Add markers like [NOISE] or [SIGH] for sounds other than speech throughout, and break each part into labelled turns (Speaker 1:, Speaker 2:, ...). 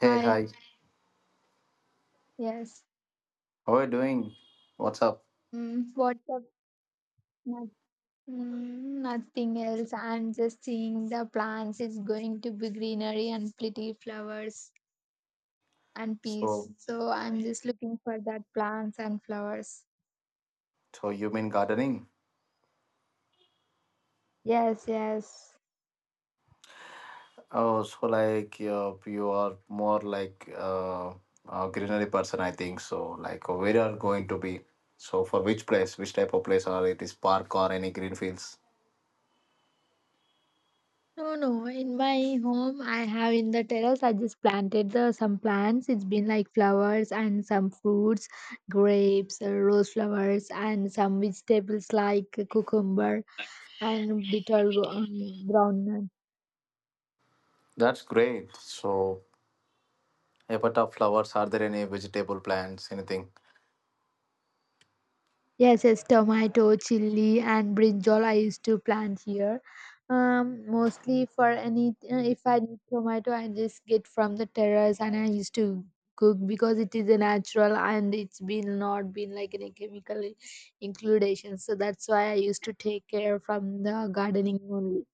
Speaker 1: Hey,
Speaker 2: Hi.
Speaker 1: hi.
Speaker 2: Yes.
Speaker 1: How are you doing? What's up?
Speaker 2: What's up? Nat? Nothing else. I'm just seeing the plants. It's going to be greenery and pretty flowers and
Speaker 1: So,
Speaker 2: peace. So I'm just looking for that plants and flowers.
Speaker 1: so you mean gardening?
Speaker 2: Yes, yes.
Speaker 1: Oh, so like you are more like a greenery person, I think. So, like where are going to be? So, for which place, which type of place, or it is park or any green fields?
Speaker 2: No, no. In my home, I have in the terrace. I just planted the some plants. It's been like flowers and some fruits, grapes, rose flowers, and some vegetables like cucumber, and ground nut.
Speaker 1: That's great. So, apart of flowers, are there any vegetable plants, anything?
Speaker 2: Yes, yes, tomato, chili, and brinjal I used to plant here. Mostly for any if I need tomato, I just get from the terrace, and I used to cook because it is a natural and it's been not been like any chemical includation. So that's why I used to take care from the gardening only.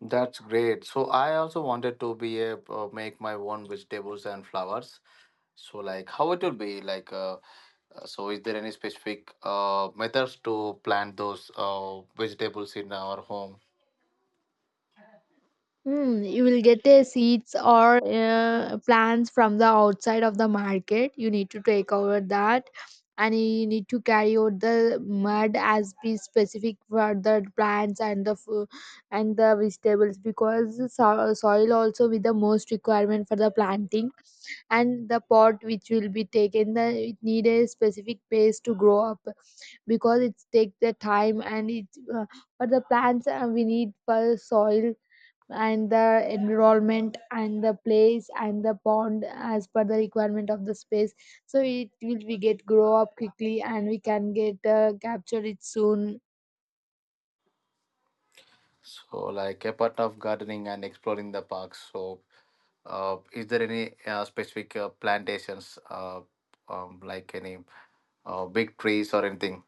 Speaker 1: That's great. So I also wanted to be a make my own vegetables and flowers. So like how it will be like so is there any specific methods to plant those vegetables in our home?
Speaker 2: You will get a seeds or plants from the outside of the market. You need to take over that, and you need to carry out the mud as be specific for the plants and and the vegetables, because soil also with the most requirement for the planting, and the pot which will be taken the it need a specific place to grow up, because it take the time, and it uh, for the plants we need for soil and the environment and the place and the pond as per the requirement of the space, so it will we get grow up quickly, and we can get capture it soon.
Speaker 1: So like a part of gardening and exploring the parks. So is there any specific plantations like any big trees or anything?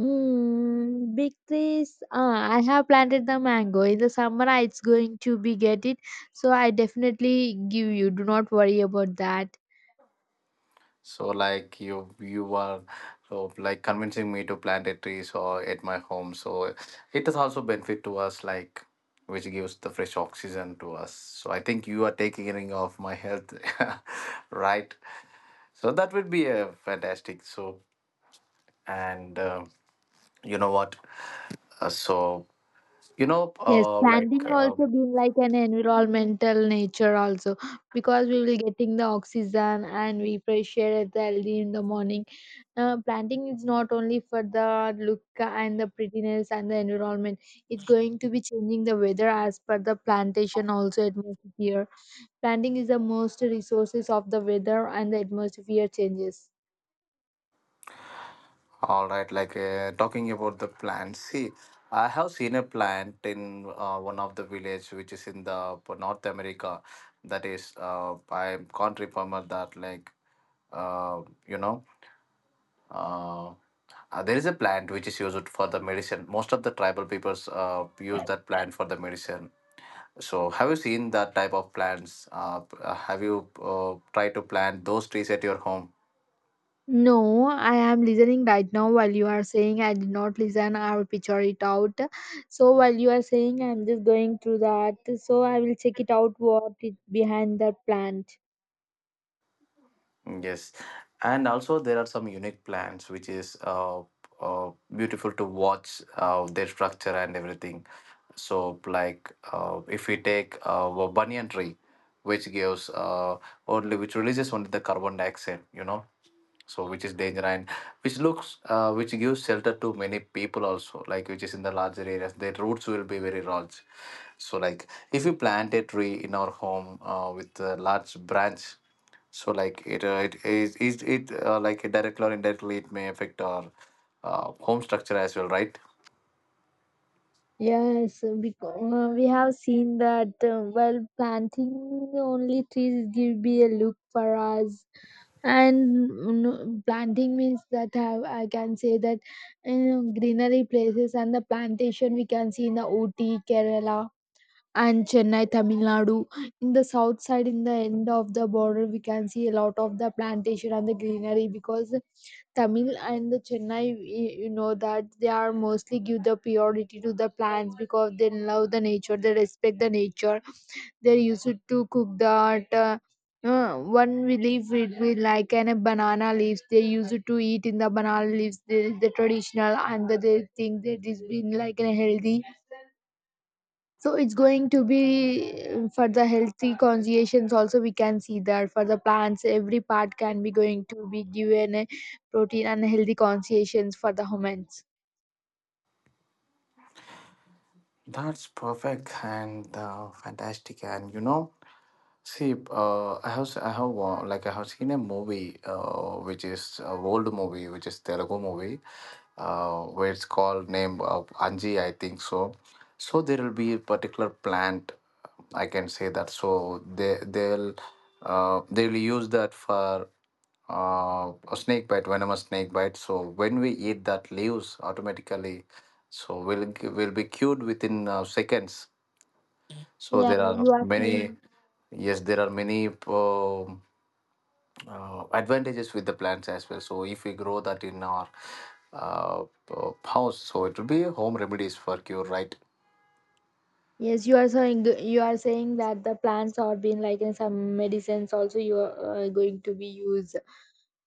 Speaker 2: Big trees. I have planted the mango. In the summer, it's going to be get it. So I definitely give you. Do not worry about that.
Speaker 1: So like you are, so like convincing me to plant a tree so at my home. So it is also benefit to us, like which gives the fresh oxygen to us. So I think you are taking care of my health, [LAUGHS] right? So that would be a fantastic. So and you know what? Uh, so you know
Speaker 2: Yes,
Speaker 1: uh, like
Speaker 2: standing
Speaker 1: uh,
Speaker 2: also been like an environmental nature also, because we will getting the oxygen and we fresh air at the early in the morning. Planting is not only for the look and the prettiness and the environment. It's going to be changing the weather as per the plantation also atmosphere. Planting is the most resources of the weather and the atmosphere changes.
Speaker 1: All right, like talking about the plant. See, I have seen a plant in one of the village which is in the North America. That is, I can't remember that. Like, uh, you know, uh, there is a plant which is used for the medicine. Most of the tribal peoples use that plant for the medicine. So, have you seen that type of plants? Have you tried to plant those trees at your home?
Speaker 2: No, I am listening right now while you are saying. I did not listen, I will picture it out. So while you are saying, I'm just going through that. So I will check it out what is behind that plant.
Speaker 1: Yes, and also there are some unique plants which is beautiful to watch their structure and everything. So, like if we take a banyan tree, which gives uh, which releases only the carbon dioxide, so which is danger, and which looks, which gives shelter to many people also, like which is in the larger areas. Their roots will be very large. So, like if we plant a tree in our home with a large branch, so like it it is it like directly or indirectly it may affect our home structure as well, right?
Speaker 2: Yes, because we have seen that well, planting only trees give me a look for us, and no, planting means that have, I can say that you greenery places and the plantation we can see in the Ooty, Kerala and Chennai, Tamil Nadu. In the south side, in the end of the border, we can see a lot of the plantation and the greenery, because Tamil and the Chennai, you know that they are mostly give the priority to the plants because they love the nature, they respect the nature. They used to cook that. One we leave it with like an a banana leaves they used to eat in the banana leaves, the traditional, and they think that it's been like a healthy, so it's going to be for the healthy conscience also, we can see that for the plants every part can be going to be given a protein and healthy conscience for the humans.
Speaker 1: That's perfect and fantastic. And you know, see, like I have seen a movie, which is a old movie, which is Telugu movie, where it's called name of Anji, I think so. So there will be a particular plant, I can say that. So they will use that for a snake bite, venomous snake bite. So when we eat that leaves, automatically, so we'll be cured within seconds. So
Speaker 2: Yeah,
Speaker 1: there are
Speaker 2: you are
Speaker 1: many,
Speaker 2: saying.
Speaker 1: yes, there are many advantages with the plants as well. So if we grow that in our uh, house, so it will be home remedies for cure, right?
Speaker 2: Yes, you are saying that the plants are being like in some medicines also you are going to be used.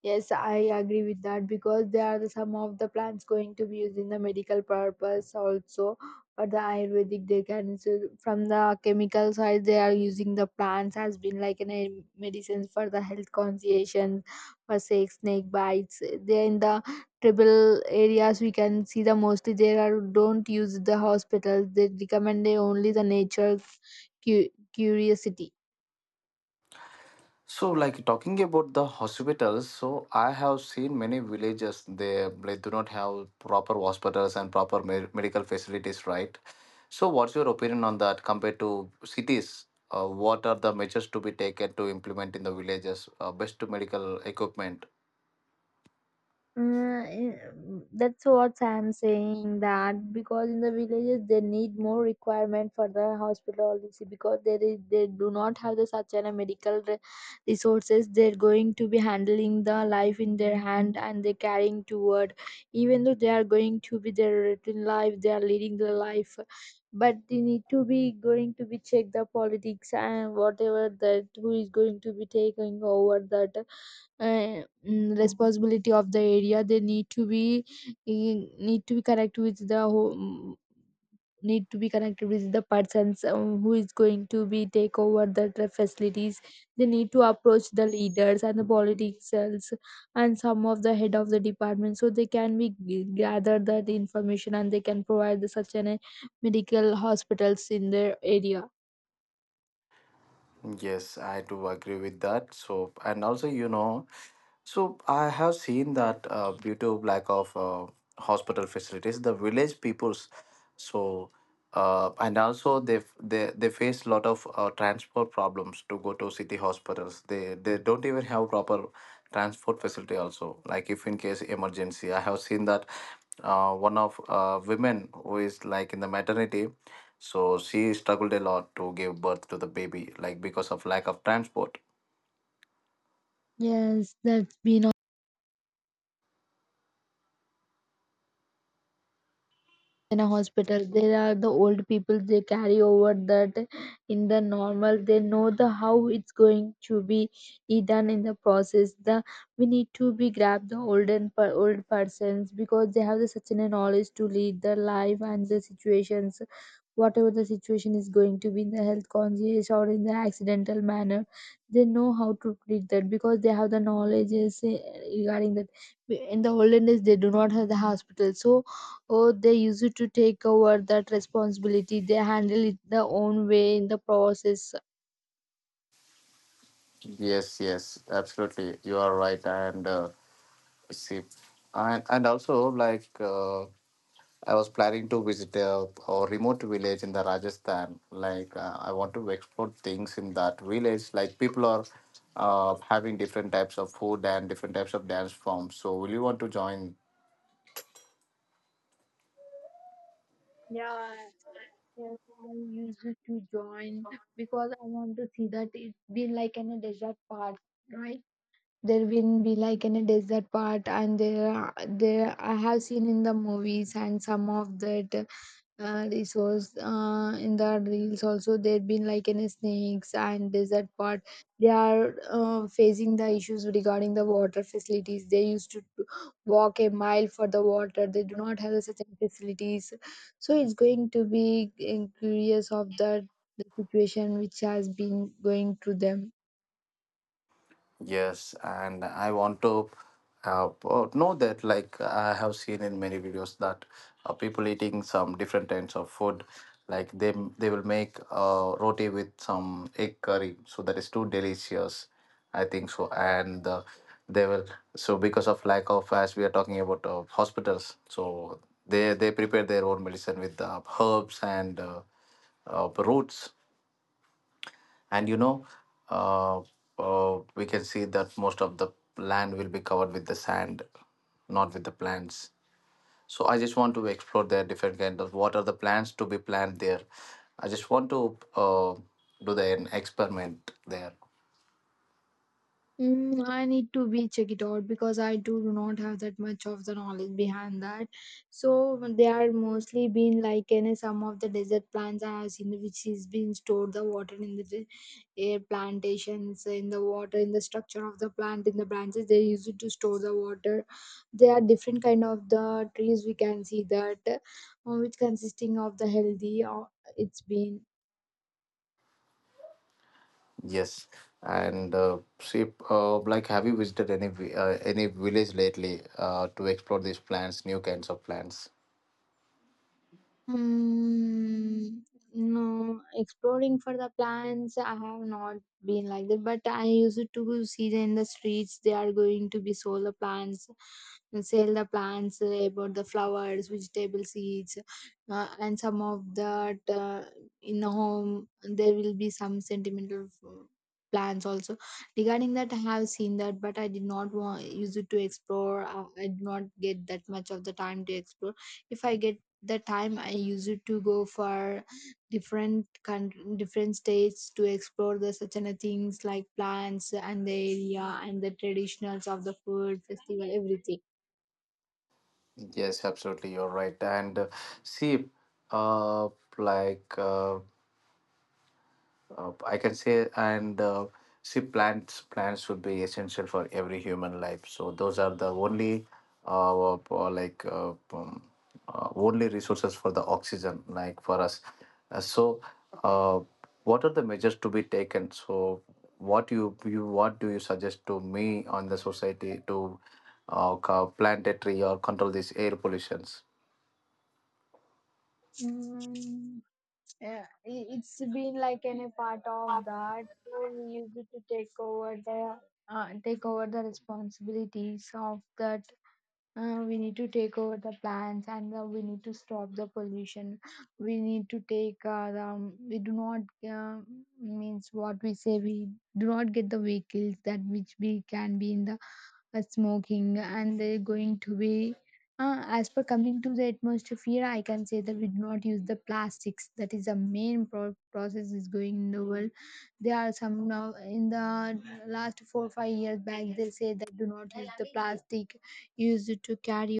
Speaker 2: Yes, I agree with that, because there are some of the plants going to be used in the medical purpose also. For the Ayurvedic, they can so from the chemical side, they are using the plants has been like an a medicines for the health conscientious, for say snake bites. They in the tribal areas we can see the mostly they are don't use the hospitals. They recommend they only the nature curiosity.
Speaker 1: So like talking about the hospitals, so I have seen many villages, they do not have proper hospitals and proper medical facilities, right? So what's your opinion on that compared to cities? What are the measures to be taken to implement in the villages? Best to medical equipment.
Speaker 2: Uh, that's what I'm saying, that because in the villages they need more requirement for the hospital, you see, because there is they do not have the such an a medical resources, they're going to be handling the life in their hand and they're carrying toward, even though they are going to be their written life they are leading the life, but they need to be going to be check the politics and whatever that who is going to be taking over that responsibility of the area, they need to be eh, need to be connected with the whole, need to be connected with the persons who is going to be take over the facilities. They need to approach the leaders and the politicians and some of the head of the department, so they can be gather that information, and they can provide the such an medical hospitals in their area.
Speaker 1: Yes, I do agree with that. So, and also, so I have seen that due to lack of hospital facilities, the village peoples, so and also they face a lot of transport problems to go to city hospitals. They don't even have proper transport facility. Also, like if in case emergency, I have seen that one of women who is like in the maternity, so she struggled a lot to give birth to the baby, like because of lack of transport.
Speaker 2: Yes, that's been in a hospital there are the old people they carry over that, in the normal they know the how it's going to be done in the process. The we need to be grab the olden per old persons, because they have the such a knowledge to lead the life and the situations, whatever the situation is going to be in the health conscious or in the accidental manner, they know how to treat that, because they have the knowledge regarding that. In the olden days they do not have the hospital, so oh, they used to take over that responsibility. They handle it their own way in the process.
Speaker 1: Yes, yes, absolutely. You are right, and see, and also like I was planning to visit a remote village in the Rajasthan. Like I want to explore things in that village. Like people are having different types of food and different types of dance forms. So will you want to join?
Speaker 2: Yeah, yes, I used to join because I want to see that it been like in a desert part, right? There will be like in a desert part, and there, there I have seen in the movies and some of that. This was in the reels also there have been like any snakes and desert part, they are facing the issues regarding the water facilities, they used to walk a mile for the water, they do not have such a facilities, so it's going to be curious of that, the situation which has been going through them.
Speaker 1: Yes, and I want to know that, like I have seen in many videos that people eating some different kinds of food, like they will make roti with some egg curry, so that is too delicious. I think so, and they will, so because of lack of, as we are talking about hospitals, so they prepare their own medicine with herbs and roots. And uh, we can see that most of the land will be covered with the sand, not with the plants. So I just want to explore their different kind of what are the plants to be planted there. I just want to do the an experiment there.
Speaker 2: I need to be check it out, because I do not have that much of the knowledge behind that. So they are mostly been like in some of the desert plants I have seen which is being stored the water in the air plantations, in the water, in the structure of the plant, in the branches, they use it to store the water. There are different kind of the trees we can see that which consisting of the healthy it's been.
Speaker 1: Yes, and see, like have you visited any village lately to explore these plants, new kinds of plants?
Speaker 2: Mm, no, exploring for the plants, I have not been like that, but I used to see in the streets they are going to be sold plants, and sell the plants about the flowers, vegetable seeds, and some of that in the home there will be some sentimental plants also. Regarding that, I have seen that, but I did not want use it to explore. I did not get that much of the time to explore. If I get the time, I used to go for different states to explore the such kind of things like plants and the area and the traditionals of the food festival, everything.
Speaker 1: Yes, absolutely, you're right, and see, uh like, I can say, and see, plants would be essential for every human life. So those are the only, like, only resources for the oxygen, like for us. Uh, so, uh, what are the measures to be taken? So, what do you suggest to me on the society to plant a tree or control these air pollutions?
Speaker 2: Mm, yeah, it's been like any part of that. So we used to take over the responsibilities of that. We need to take over the plants, and we need to stop the pollution. We need to take we do not uh, means what we say, we do not get the vehicles that which we can be in the smoking, and they're going to be as per coming to the atmosphere, I can say that we do not use the plastics, that is the main process is going in the world. There are some now in the last 4 or 5 years back they say that do not use the plastic, used to carry.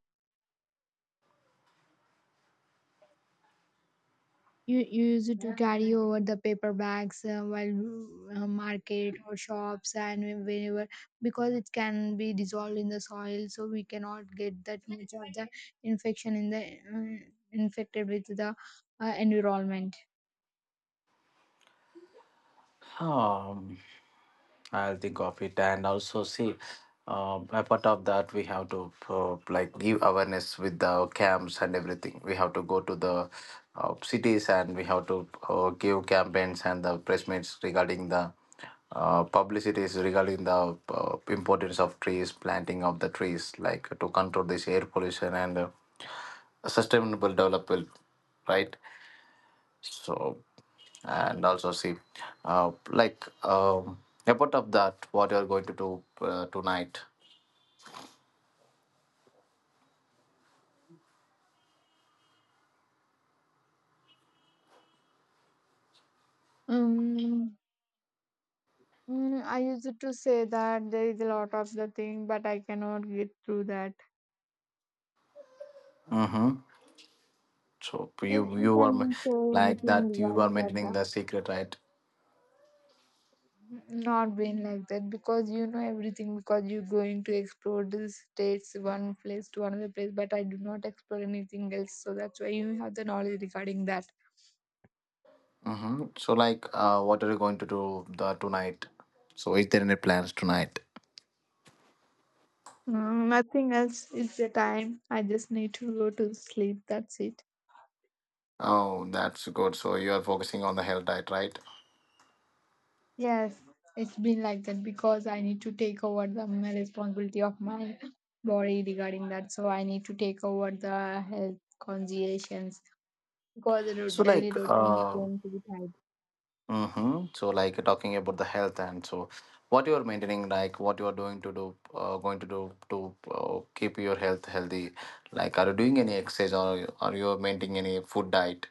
Speaker 2: You used to carry over the paper bags while market or shops and whenever, because it can be dissolved in the soil, so we cannot get that much of the infection in the infected with the environment.
Speaker 1: Um, I'll think of it, and also see. Apart of that, we have to like give awareness with the camps and everything. We have to go to the cities, and we have to give campaigns and the press meets regarding the publicities regarding the importance of trees, planting of the trees, like to control this air pollution and sustainable development, right? So and also see, like, apart of that, what you're going to do tonight?
Speaker 2: Um, I used to say that there is a lot of the thing, but I cannot get through that.
Speaker 1: Mm-hmm. So you
Speaker 2: Yes, you
Speaker 1: you are,
Speaker 2: can say
Speaker 1: like
Speaker 2: anything
Speaker 1: that, you are
Speaker 2: regarding
Speaker 1: maintaining
Speaker 2: that.
Speaker 1: the secret, right?
Speaker 2: Not been like that, because you know everything, because you're going to explore the states one place to another place, but I do not explore anything else, so that's why you have the knowledge regarding that.
Speaker 1: Mm-hmm. So like what are you going to do the tonight? So is there any plans tonight?
Speaker 2: Nothing else, it's the time I just need to go to sleep, that's it.
Speaker 1: Oh, that's good. So you are focusing on the health diet, right?
Speaker 2: Yes, it's been like that, because I need to take over the my responsibility of my body regarding that, so I need to take over the health conciliations, because the
Speaker 1: So like,
Speaker 2: daily routine is going to be tight.
Speaker 1: mm-hmm. So like you're talking about the health, and so what you are maintaining, like what you are doing to do, going to do to keep your health healthy. Like, are you doing any exercise or are you maintaining any food diet?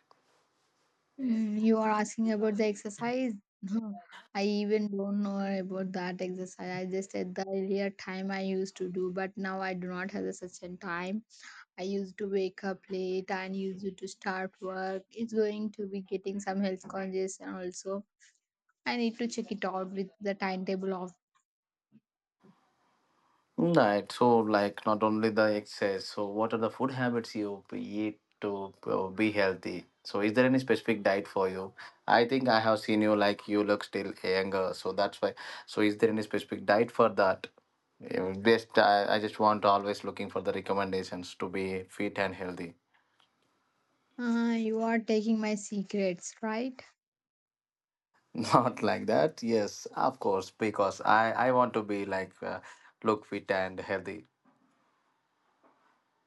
Speaker 2: You are asking about the exercise? No, yeah. I even don't know about that exercise. I just said the earlier time I used to do, but now I do not have the such a time. I used to wake up late and used to start work. It's going to be getting some health conscious, and also I need to check it out with the timetable of.
Speaker 1: Right. So, like, not only the excess. So, what are the food habits you eat to be healthy? So, is there any specific diet for you? I think I have seen you like you look still younger. So that's why. So, is there any specific diet for that? Just I just want always looking for the recommendations to be fit and healthy.
Speaker 2: You are taking my secrets, right?
Speaker 1: [LAUGHS] Not like that. Yes, of course, because I want to be like look fit and healthy.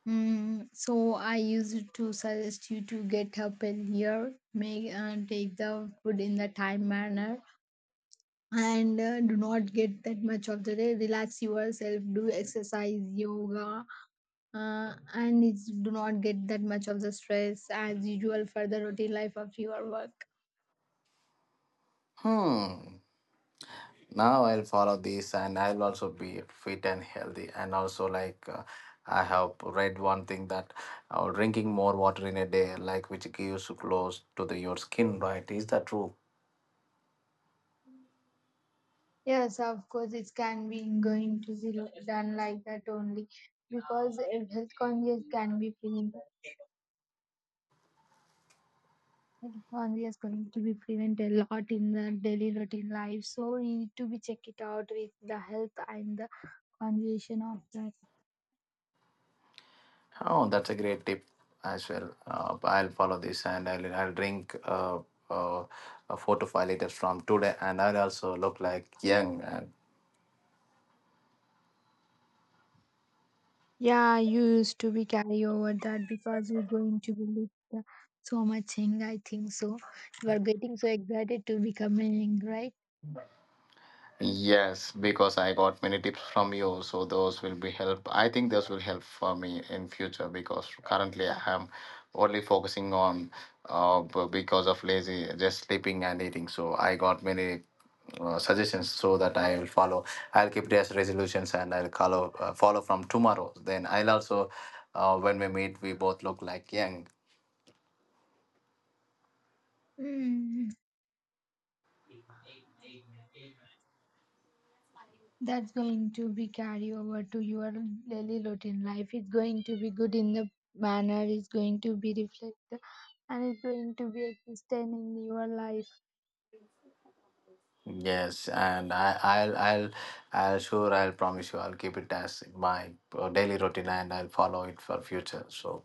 Speaker 2: So I used to suggest you to get up earlier, make and take the food in the time manner, and do not get that much of the day, relax yourself, do exercise yoga, and do not get that much of the stress as usual for the routine life of your work.
Speaker 1: Hmm. Now I'll follow this, and I'll also be fit and healthy, and also like I have read one thing, that drinking more water in a day, like, which gives close to the your skin, right? Is that true?
Speaker 2: Yes, of course, it can be going to be done like that only, because if health conscious can be prevented, health conscious going to be prevent a lot in the daily routine life, so we need to be check it out with the health and the conversation of that.
Speaker 1: Oh, that's a great tip as well. I'll follow this, and I'll drink uh, 4 to 5 liters from today, and I'll also look like young and.
Speaker 2: Yeah, you used to be carry over that, because you're going to believe so much thing. I think so. You are getting so excited to becoming right.
Speaker 1: Yes, because I got many tips from you, so those will be help. I think those will help for me in future, because currently I am only focusing on because of lazy, just sleeping and eating. So I got many suggestions so that I will follow. I'll keep it as resolutions, and I'll follow from tomorrow. Then I'll also, when we meet, we both look like young.
Speaker 2: Mm, that's going to be carry over to your daily routine life. It's going to be good in the manner. It's going to be reflected, and it's going to be existent in your life.
Speaker 1: Yes, and I'll sure, I'll promise you, I'll keep it as my daily routine, and I'll follow it for future. So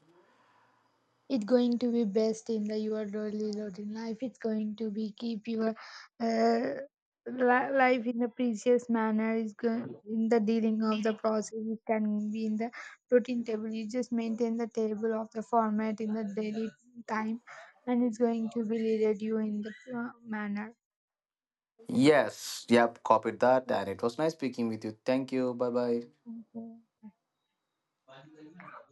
Speaker 2: It's going to be best in the your daily routine life, it's going to be keep your uh, life in a precious manner, is going in the dealing of the process, it can be in the routine table, you just maintain the table of the format in the daily time, and it's going to be leaded you in the manner.
Speaker 1: yes, yep, copied that, and it was nice speaking with you. Thank you. Bye bye.
Speaker 2: Okay.